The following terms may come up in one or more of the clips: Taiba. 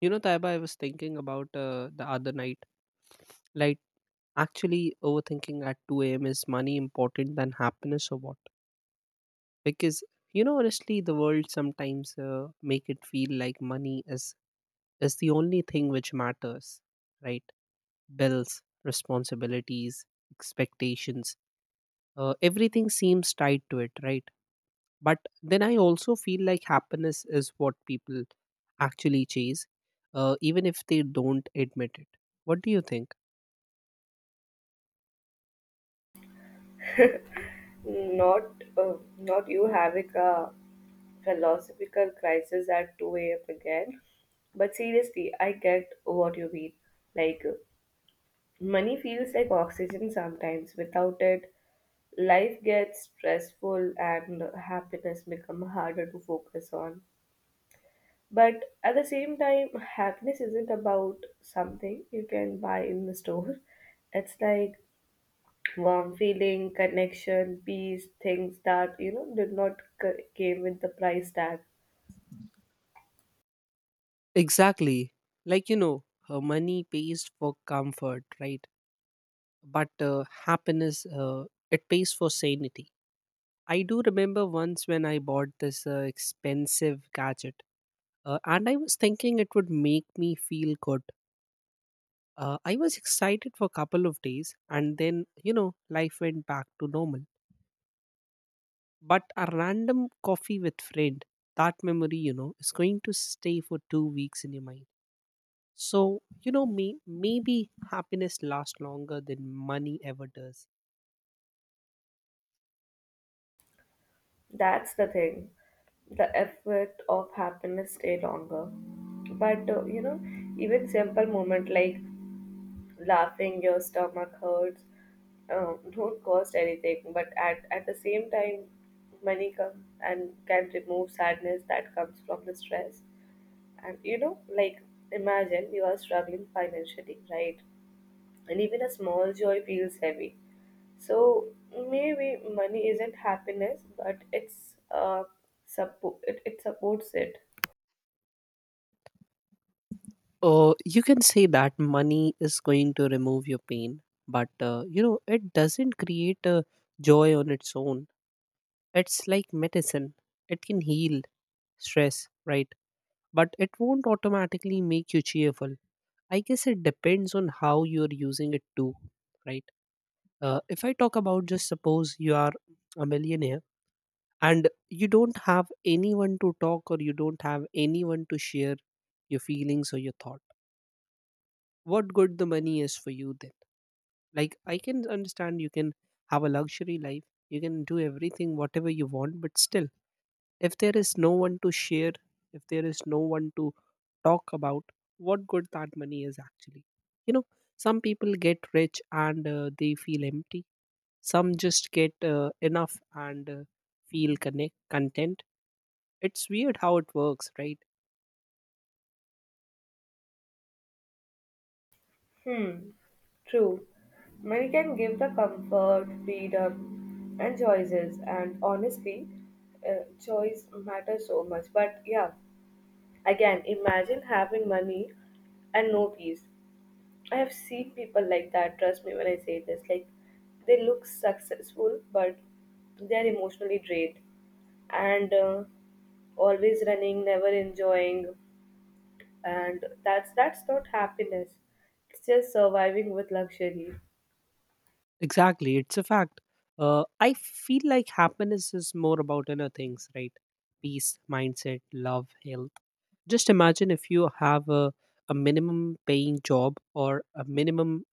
You know, Taiba, I was thinking about the other night. Like, overthinking at 2 a.m. is money important than happiness or what? Because, you know, honestly, the world sometimes make it feel like money is the only thing which matters, right? Bills, responsibilities, expectations, everything seems tied to it, right? But then I also feel like happiness is what people actually chase, even if they don't admit it. What do you think? Not you having a philosophical crisis at 2 a.m. again. But seriously, I get what you mean. Like, money feels like oxygen sometimes. Without it, life gets stressful and happiness become harder to focus on. But at the same time, happiness isn't about something you can buy in the store. It's like warm feeling, connection, peace, things that did not came with the price tag. Exactly. Money pays for comfort, right? But happiness, it pays for sanity. I do remember once when I bought this expensive gadget, and I was thinking it would make me feel good. I was excited for a couple of days, and then, you know, life went back to normal. But a random coffee with friend, that memory, you know, is going to stay for 2 weeks in your mind. So, you know, maybe happiness lasts longer than money ever does. That's the thing. The effort of happiness stay longer. But uh, you know, Even simple moment like laughing, your stomach hurts, don't cost anything. But at the same time, money come and can remove sadness that comes from the stress. And you know, like imagine you are struggling financially, right? And even a small joy feels heavy. So maybe money isn't happiness, but it supports it. You can say that money is going to remove your pain, but, you know, it doesn't create a joy on its own. It's like medicine, it can heal stress, right? But it won't automatically make you cheerful. I guess it depends on how you're using it too, right? If I talk about just suppose you are a millionaire and you don't have anyone to talk or you don't have anyone to share your feelings or your thought, what good the money is for you then? Like, I can understand, you can have a luxury life, you can do everything whatever you want, but still, if there is no one to share, if there is no one to talk about, what good that money is actually? You know, some people get rich and they feel empty, some just get enough and feel connect content. It's weird how it works, right? Hmm, true. Money can give the comfort, freedom, and choices, and honestly, choice matters so much. But yeah, again, imagine having money and no peace. I have seen people like that, trust me when I say this. Like, they look successful, but they are emotionally drained and always running, never enjoying. And that's not happiness. It's just surviving with luxury. Exactly, it's a fact. I feel like happiness is more about inner things, right? Peace, mindset, love, health. Just imagine if you have a minimum paying job or a minimum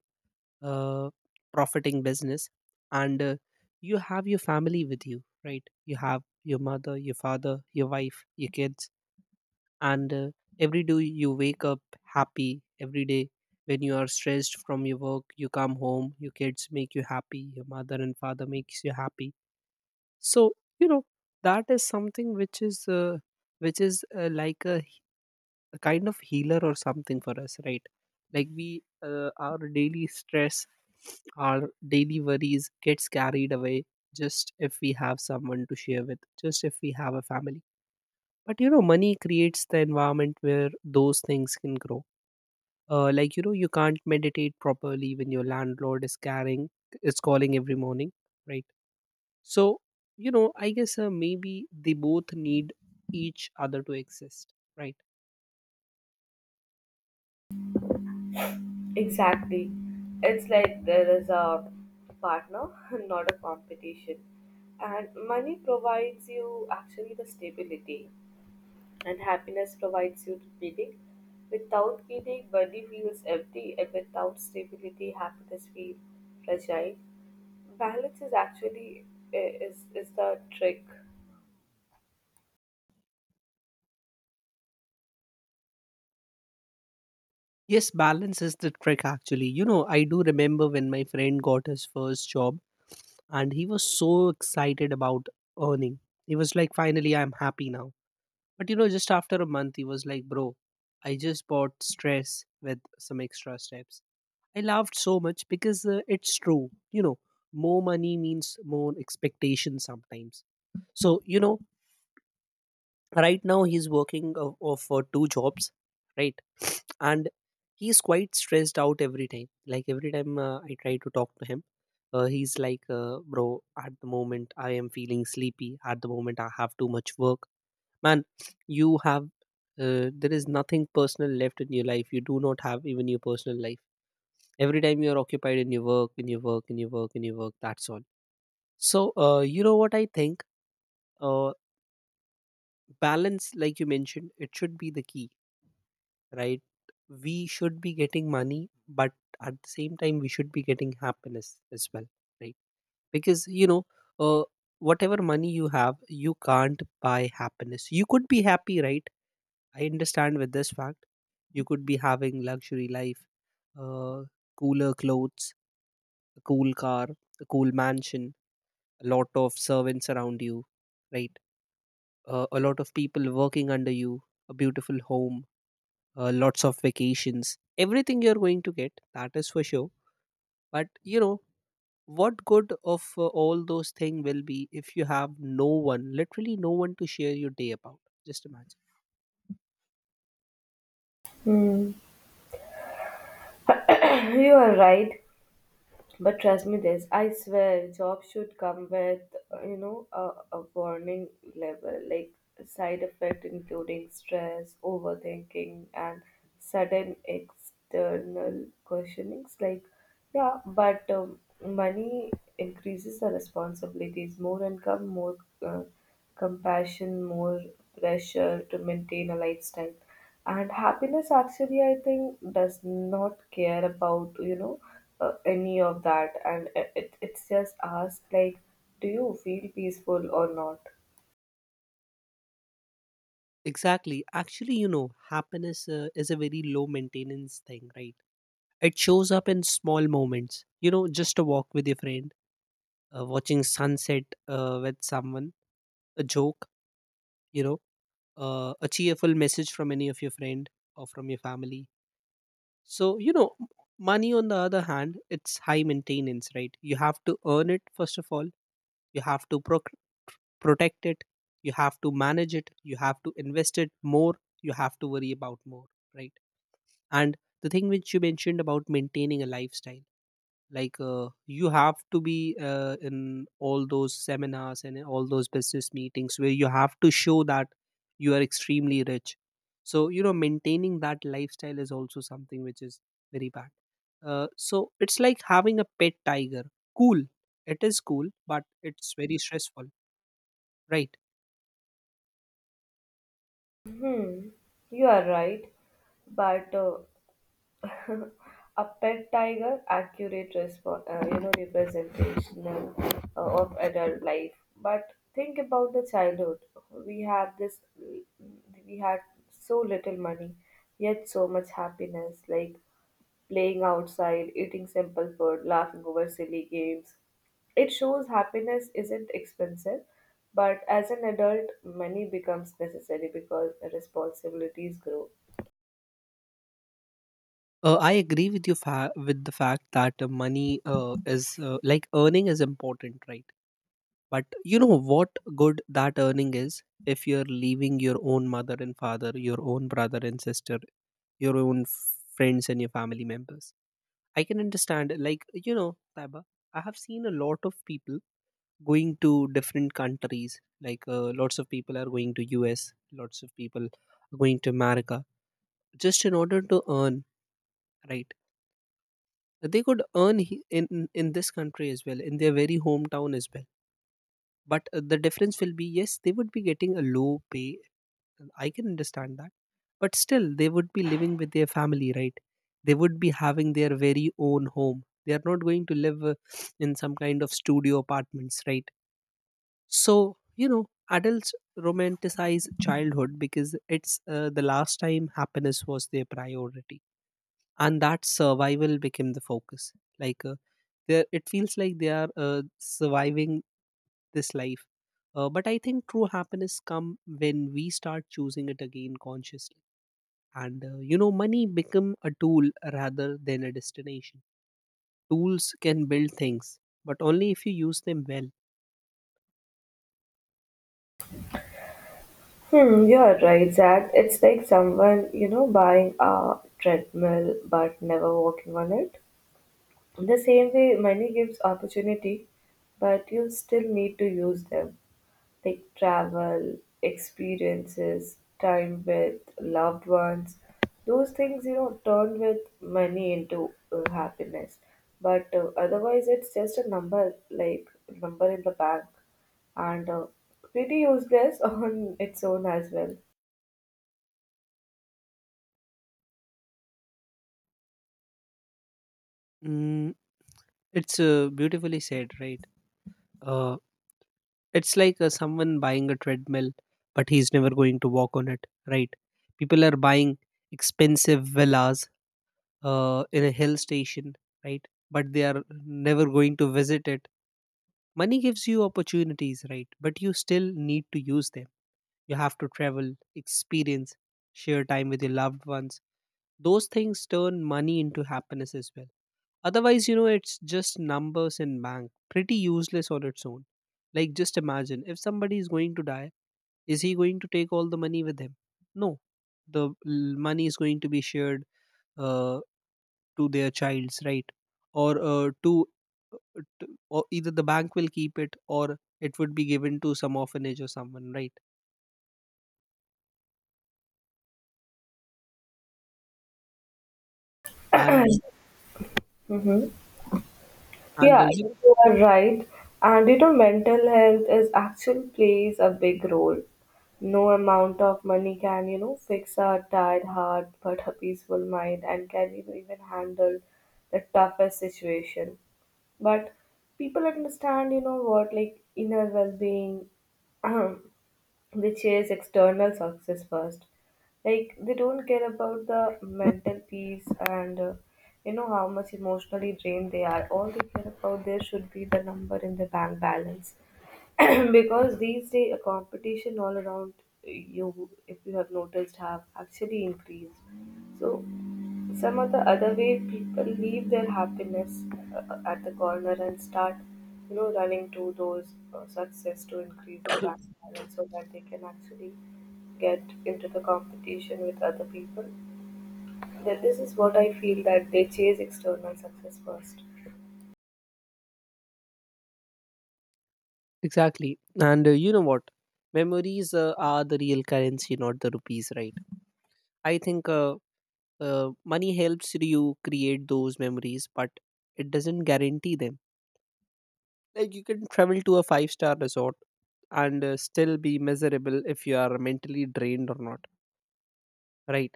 uh, profiting business, and you have your family with you, right? You have your mother, your father, your wife, your kids, and every day you wake up happy. Every day when you are stressed from your work, you come home, your kids make you happy, your mother and father makes you happy. So, you know, that is something which is like a kind of healer or something for us, right? Like, we our daily stress, our daily worries gets carried away, just if we have someone to share with, just if we have a family. But you know, money creates the environment where those things can grow. Like, you know, you can't meditate properly when your landlord is calling every morning, right? So, you know, I guess maybe they both need each other to exist, right? Exactly. It's like there is a partner, not a competition. And money provides you actually the stability. And happiness provides you with meaning. Without meaning, money feels empty, and without stability, happiness feels fragile. Balance is actually is the trick. Yes, balance is the trick actually. You know, I do remember when my friend got his first job and he was so excited about earning. He was like, finally I'm happy now. But you know, just after a month, he was like, Bro, I just bought stress with some extra steps. I laughed so much because it's true. You know, more money means more expectation sometimes. So, you know, right now he's working of for two jobs, right? And he's quite stressed out every time. Like every time I try to talk to him, he's like, Bro, at the moment I am feeling sleepy. At the moment I have too much work, man. You have there is nothing personal left in your life. You do not have even your personal life. Every time you are occupied in your work, in your work, in your work, in your work, that's all. So you know what I think, uh, balance, like you mentioned, it should be the key, right? We should be getting money, but at the same time, we should be getting happiness as well, right? Because you know, uh, whatever money you have, you can't buy happiness. You could be happy, right? I understand with this fact, you could be having luxury life, uh, cooler clothes, a cool car, a cool mansion, a lot of servants around you, right? A lot of people working under you, a beautiful home, lots of vacations, everything you're going to get, that is for sure. But you know, what good of all those things will be if you have no one, literally no one to share your day about? Just imagine. Hmm. You are right. But trust me, this I swear, job should come with a warning level, like side effect including stress, overthinking, and sudden external questionings. Like, yeah, but money increases the responsibilities, more income, more uh, compassion, more pressure to maintain a lifestyle, and happiness. Actually, I think does not care about any of that, and it's just asked like, do you feel peaceful or not? Exactly. Actually, you know, happiness is a very low maintenance thing, right? It shows up in small moments. You know, just a walk with your friend, watching sunset with someone, a joke, you know, a cheerful message from any of your friend or from your family. So, you know, money on the other hand, it's high maintenance, right? You have to earn it first of all. You have to protect it. You have to manage it. You have to invest it more. You have to worry about more, right? And the thing which you mentioned about maintaining a lifestyle, like you have to be in all those seminars and in all those business meetings where you have to show that you are extremely rich. So you know, maintaining that lifestyle is also something which is very bad. So it's like having a pet tiger. Cool, it is cool, but it's very stressful, right? You are right, but a pet tiger accurate representation of adult life. But think about the childhood. We have this we had so little money, yet so much happiness, like playing outside, eating simple food, laughing over silly games. It shows happiness isn't expensive, but as an adult, money becomes necessary because responsibilities grow. I agree with you with the fact that money is like earning is important, right? But you know what good that earning is if you're leaving your own mother and father, your own brother and sister, your own friends and your family members. I can understand, like, you know, Taiba, I have seen a lot of people going to different countries. Like, lots of people are going to US, lots of people are going to America just in order to earn, right? They could earn in this country as well, in their very hometown as well. But the difference will be, yes, they would be getting a low pay, I can understand that, but still they would be living with their family, right? They would be having their very own home. They are not going to live in some kind of studio apartments, right? So, you know, adults romanticize childhood because it's the last time happiness was their priority, and that survival became the focus. Like, there it feels like they are surviving this life. But I think true happiness come when we start choosing it again consciously. And you know, money become a tool rather than a destination. Tools can build things, but only if you use them well. Hmm, you're right, Zach. It's like someone, you know, buying a treadmill but never walking on it. The same way, money gives opportunity, but you still need to use them. Like travel, experiences, time with loved ones. Those things, you know, turn with money into happiness. But Otherwise, it's just a number, like number in the bank, and pretty useless on its own as well. Mm, it's beautifully said, right? Uh, it's like someone buying a treadmill, but he's never going to walk on it, right? People are buying expensive villas in a hill station, right? But they are never going to visit it. Money gives you opportunities, right? But you still need to use them. You have to travel, experience, share time with your loved ones. Those things turn money into happiness as well. Otherwise, you know, it's just numbers in bank, pretty useless on its own. Like, just imagine if somebody is going to die, is he going to take all the money with him? No. The money is going to be shared uh, to their childs, right? Or or either the bank will keep it, or it would be given to some orphanage or someone, right? and uh, and uh, Yeah, you know, you are right. And you know, mental health is actually plays a big role. No amount of money can, you know, fix a tired heart, but a peaceful mind and can, you know, even handle the toughest situation. But people understand, you know, what like inner well-being they chase external success first, like they don't care about the mental peace, and you know how much emotionally drained they are. All they care about there should be the number in the bank balance. Because these days a competition all around you, if you have noticed, have actually increased. So some of the other way people leave their happiness at the corner and start, you know, running to those success to increase the bank balance, so that they can actually get into the competition with other people. That this is what I feel that they chase external success first. exactly and you know what, memories are the real currency, not the rupees, right? I think money helps you create those memories, but it doesn't guarantee them. Like, you can travel to a five-star resort and still be miserable if you are mentally drained or not, right?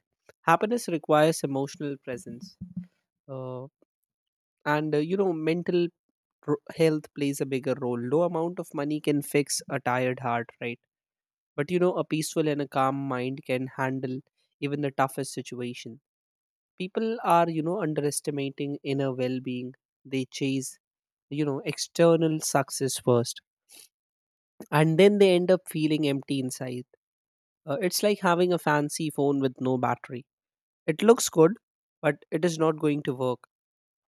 Happiness requires emotional presence, uh, and you know, mental health plays a bigger role. No amount of money can fix a tired heart, right? But you know, a peaceful and a calm mind can handle even the toughest situation. People are, you know, underestimating inner well-being. They chase, you know, external success first, and then they end up feeling empty inside. It's like having a fancy phone with no battery. It looks good, but it is not going to work.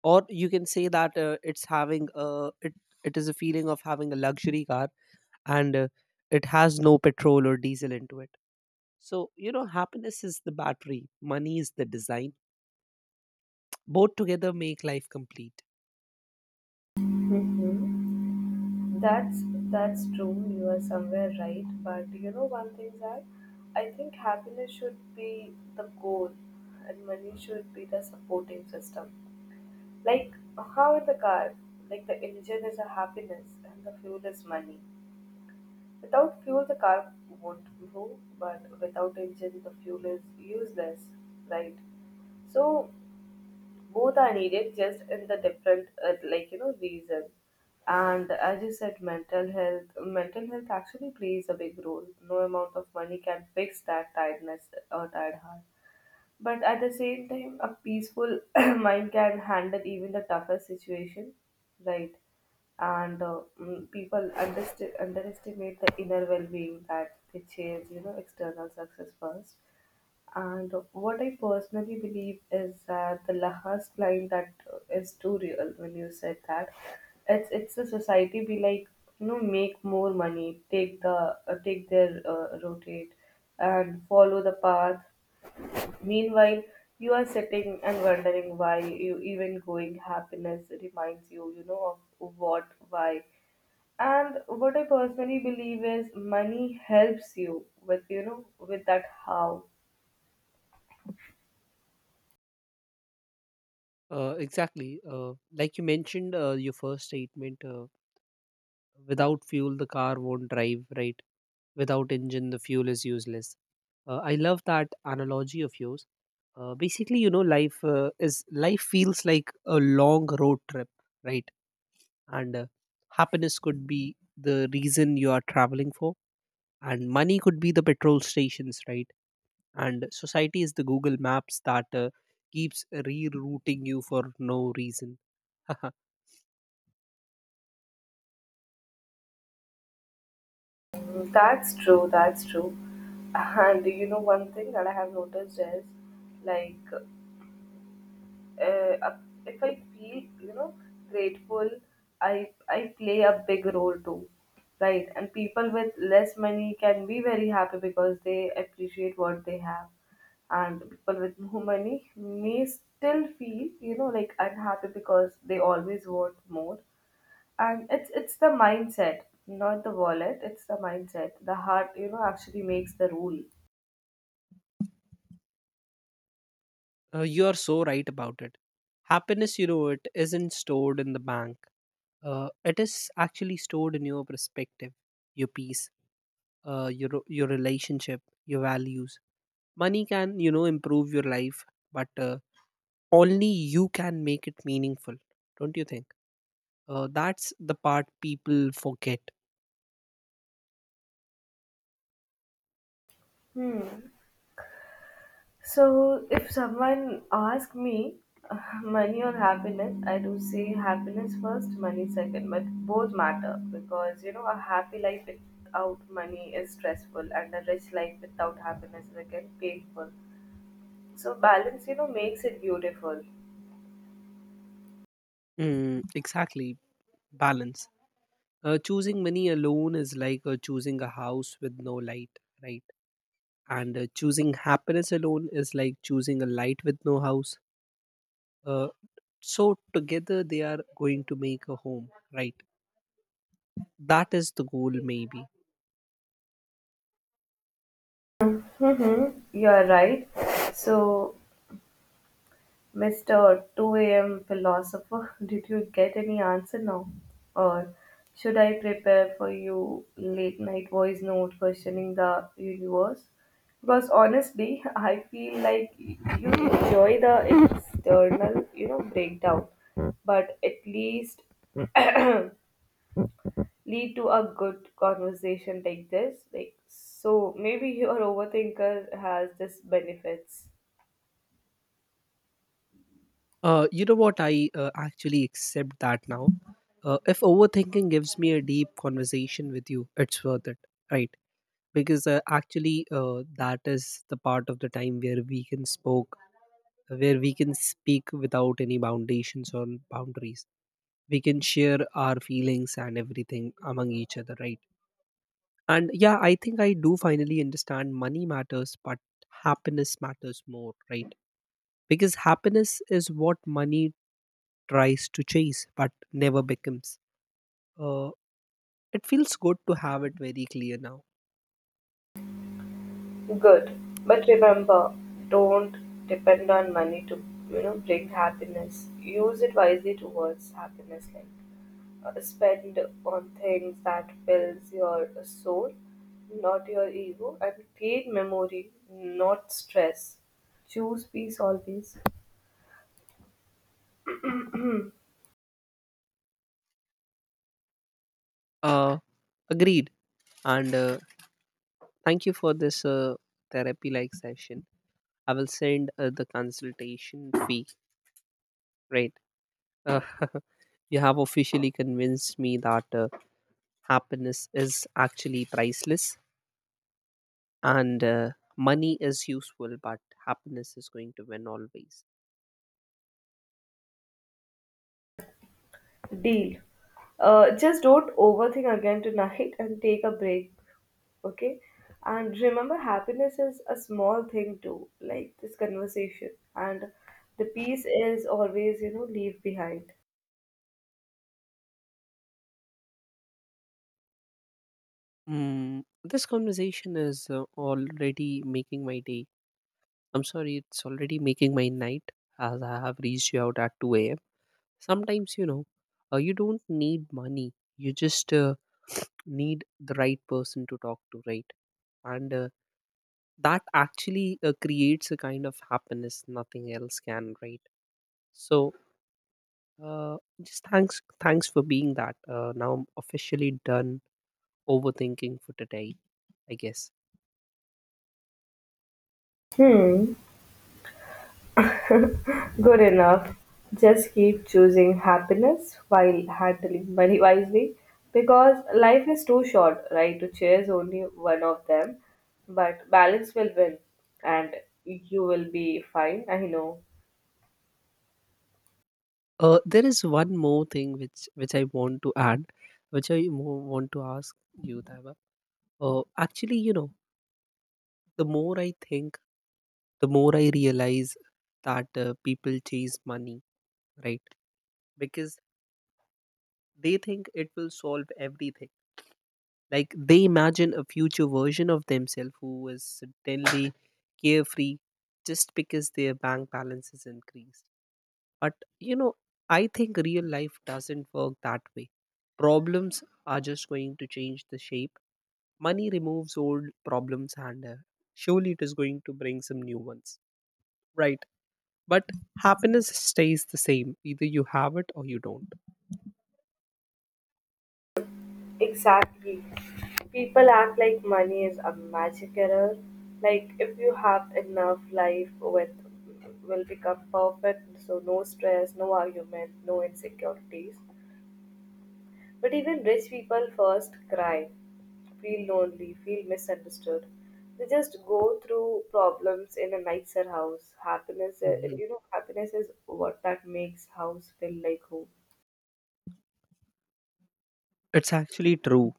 Or you can say that it is a feeling of having a luxury car, and it has no petrol or diesel into it. So you know, happiness is the battery, money is the design. Both together make life complete. Mm-hmm. That's that's true. You are somewhere right, but you know one thing, that I think happiness should be the goal, and money should be the supporting system. Like how in the car, like the engine is a happiness and the fuel is money. Without fuel, the car won't move, but without engine, the fuel is useless, right? So both are needed, just in the different, like you know, reason. And as you said, mental health actually plays a big role. No amount of money can fix that tiredness or tired heart. But at the same time, a peaceful mind can handle even the toughest situation, right? And people underestimate the inner well-being, that they chase, you know, external success first. And what I personally believe is that the last line, that is too real when you said that it's the society be like, you know, make more money, take the take their rotate, and follow the path. Meanwhile, you are sitting and wondering why you even going. Happiness reminds you, you know, of what, why. And what I personally believe is money helps you with, you know, with that how. Exactly like you mentioned your first statement, without fuel, the car won't drive, right? Without engine, the fuel is useless. I love that analogy of yours. Basically, you know, life feels like a long road trip, right? And Happiness could be the reason you are traveling for, and money could be the petrol stations, right? And society is the Google Maps that keeps rerouting you for no reason. That's true. And you know, one thing that I have noticed is like uh, uh, if I feel, you know, grateful, I play a big role too, right? And people with less money can be very happy because they appreciate what they have, and people with more money may still feel, you know, like unhappy because they always want more. And it's the mindset, not the wallet. It's the mindset. The heart, you know, actually makes the rule. You are so right about it. Happiness, you know, it isn't stored in the bank. It is actually stored in your perspective, your peace, your relationship, your values. Money can, you know, improve your life, but only you can make it meaningful. Don't you think? That's the part people forget. Hmm. So, if someone asks me uh, money or happiness, I do say happiness first, money second, but both matter because you know a happy life without money is stressful, and a rich life without happiness is again painful. So, balance, you know, makes it beautiful. Mm, exactly, balance. Choosing money alone is like choosing a house with no light, right? And choosing happiness alone is like choosing a light with no house, uh, so together they are going to make a home, right? That is the goal, maybe. Mm-hmm. You are right. So, Mr. Two AM philosopher, did you get any answer now? Or should I prepare for you late night voice note questioning the universe? Because honestly, I feel like you enjoy the external, you know, breakdown, but at least lead to a good conversation like this. Like so maybe your overthinker has this benefits. You know what, I actually accept that now. If overthinking gives me a deep conversation with you, it's worth it, right? Because actually that is the part of the time where we can spoke where we can speak without any foundations or boundaries. We can share our feelings and everything among each other, right? And yeah, I think I do finally understand, money matters, but happiness matters more, right? Because happiness is what money tries to chase but never becomes. Uh, it feels good to have it very clear now. Good. But remember, don't depend on money to, you know, bring happiness. Use it wisely towards happiness. Like spend on things that fills your soul, not your ego, and create memory, not stress. Choose peace always. Uh, Agreed. And thank you for this therapy like session. I will send the consultation fee, right? Uh, you have officially convinced me that happiness is actually priceless, and money is useful, but happiness is going to win always. Deal. Just don't overthink again tonight and take a break, okay? And remember, happiness is a small thing too, like this conversation, and the peace is always, you know, leave behind. Mm, this conversation is already making my day. I'm sorry, it's already making my night, as I have reached you out at 2 a.m. Sometimes, you know, you don't need money, you just need the right person to talk to, right? And that actually creates a kind of happiness nothing else can, right? So just thanks, thanks for being that. Now I'm officially done overthinking for today, I guess. Hmm. Good enough. Just keep choosing happiness while handling money wisely, because life is too short, right, to chase only one of them. But balance will win, and you will be fine, I know. There is one more thing which I want to add, which I more want to ask you, Taiba. Actually, you know, the more I think, the more I realize that people chase money, right? Because they think it will solve everything. Like, they imagine a future version of themselves who is suddenly carefree just because their bank balance is increased. But you know, I think real life doesn't work that way. Problems are just going to change the shape. Money removes old problems, and surely it is going to bring some new ones. Right. But happiness stays the same. Either you have it or you don't. Exactly. People act like money is a magic error. Like if you have enough life with will become perfect, so no stress, no argument, no insecurities. But even rich people first cry, feel lonely, feel misunderstood. They just go through problems in a nicer house. Happiness, Mhm. you know, happiness is what that makes house feel like home. It's actually true.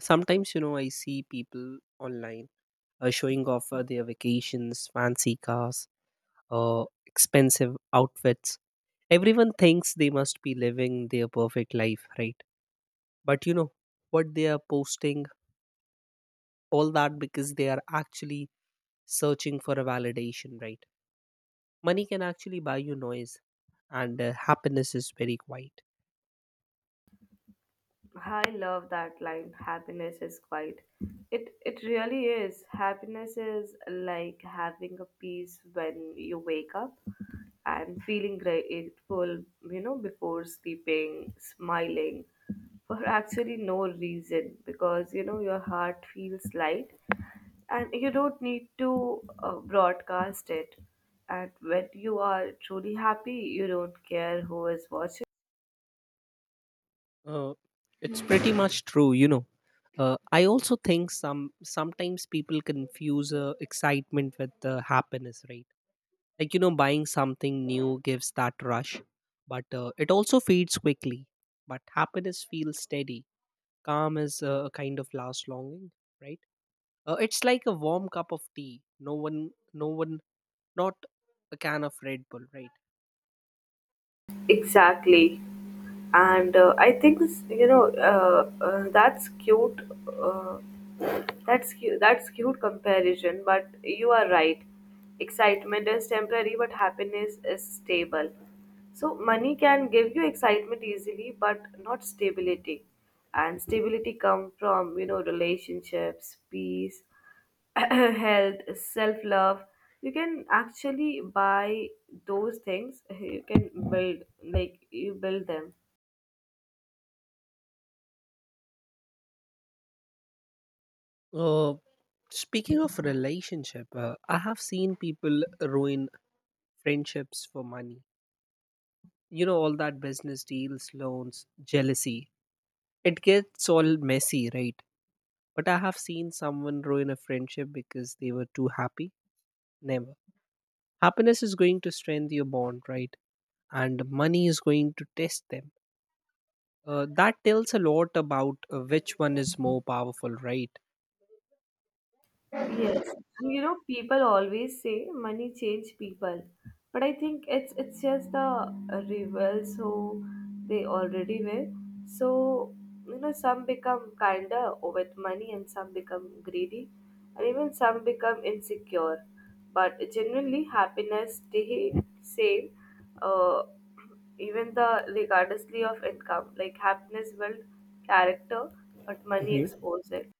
Sometimes, you know, I see people online, showing off their vacations, fancy cars, expensive outfits. Everyone thinks they must be living their perfect life, right? But you know what, they are posting all that because they are actually searching for a validation, right? Money can actually buy you noise, and happiness is very quiet. I love that line. Happiness is quiet. It really is. Happiness is like having a peace when you wake up and feeling grateful, you know, before sleeping, smiling for actually no reason because you know your heart feels light, and you don't need to broadcast it. And when you are truly happy, you don't care who is watching. uh, it's pretty much true, you know. I also think sometimes people confuse excitement with happiness, right? Like, you know, buying something new gives that rush, but it also fades quickly. But happiness feels steady. Calm is a kind of last longing, right? It's like a warm cup of tea. Not a can of Red Bull, right? Exactly. And I think this, you know, that's cute. Uh, That's cute comparison. But you are right. Excitement is temporary, but happiness is stable. So money can give you excitement easily, but not stability. And stability come from you know relationships, peace, health, self love. You can actually buy those things. You can build, like you build them. Uh, Speaking of relationship, I have seen people ruin friendships for money. You know, all that business deals, loans, jealousy. It gets all messy, right? But I have seen someone ruin a friendship because they were too happy. Never. Happiness is going to strengthen your bond, right? And money is going to test them. That tells a lot about which one is more powerful, right? Yes, and you know, people always say money change people, but I think it's just the rebels who they already were. So you know, some become kinder with money, and some become greedy, and even some become insecure. But generally, happiness stay same, uh, even the regardlessly of income. Like happiness build character, but money Mhm. exposes it.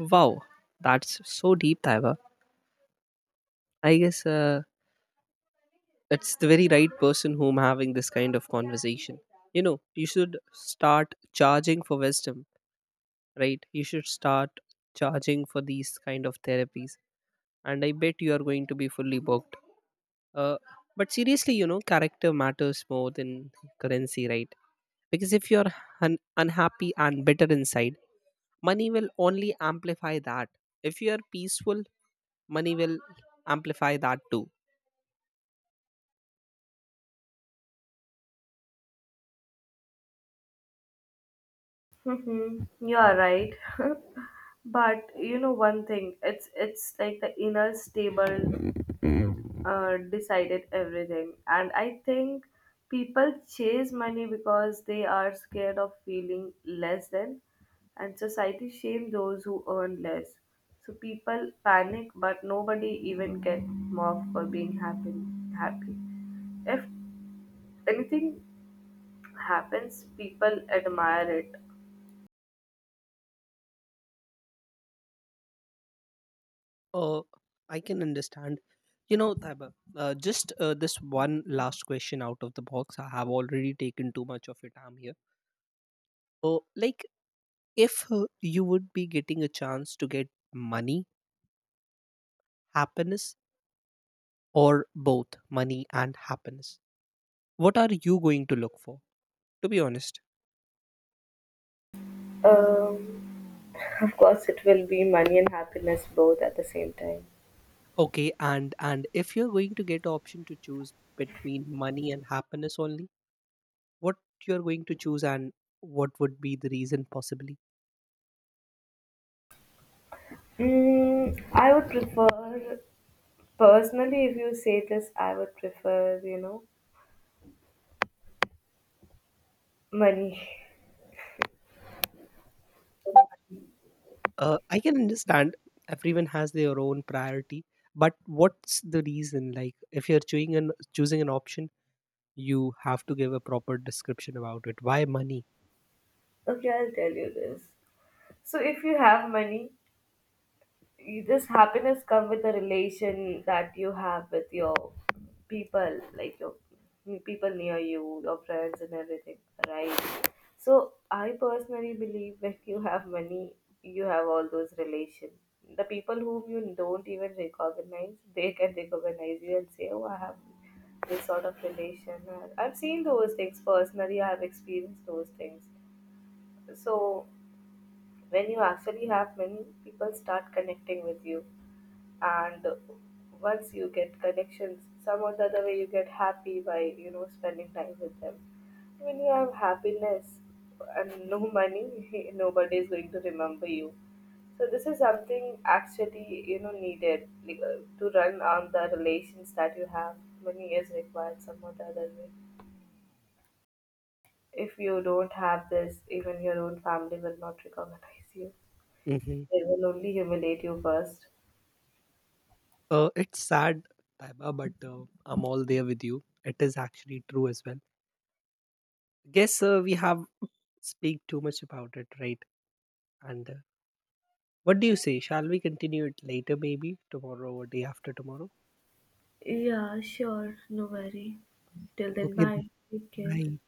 Wow, that's so deep, Taiba. I guess it's the very right person whom having this kind of conversation. You know, you should start charging for wisdom, right? You should start charging for these kind of therapies, and I bet you are going to be fully booked. Uh, but seriously, you know, character matters more than currency, right? Because if you're unhappy and bitter inside, money will only amplify that. If you are peaceful, money will amplify that too. Mm-hmm. You are right, but you know one thing. It's like the inner stable decided everything, and I think people chase money because they are scared of feeling less than, and society shame those who earn less. So people panic, but nobody even get mocked for being happy. Happy. If anything happens, people admire it. uh, I can understand, you know, Taiba. Just This one last question out of the box, I have already taken too much of your time here. Like, if you would be getting a chance to get money, happiness, or both money and happiness, what are you going to look for, to be honest? Um, Of course, it will be money and happiness both at the same time. Okay, and if you're going to get option to choose between money and happiness only, what you're going to choose, and what would be the reason possibly? Mm, I would prefer, personally, if you say this, I would prefer, you know, money. I can understand, everyone has their own priority. But what's the reason? Like, if you're choosing an option, you have to give a proper description about it, why money. Okay, I'll tell you this. So, if you have money, this happiness come with the relation that you have with your people, like your people near you, your friends and everything, right? So I personally believe when you have money, you have all those relations. The people whom you don't even recognize, they can recognize you and say, oh, I have this sort of relation. I've seen those things personally, I have experienced those things. So when you actually have money, people start connecting with you, and once you get connections, some or the other way, you get happy by, you know, spending time with them. When you have happiness and no money, nobody is going to remember you. So this is something actually, you know, needed, like, to run on the relations that you have, money is required some or the other way. If you don't have this, even your own family will not recognize you. Hmm. They will only humiliate you first. It's sad, Taiba, but I'm all there with you. It is actually true as well. Guess we have speak too much about it, right? And what do you say? Shall we continue it later, maybe tomorrow or day after tomorrow? Yeah, sure, no worry. Till then, Okay, then. bye. Take care. Bye.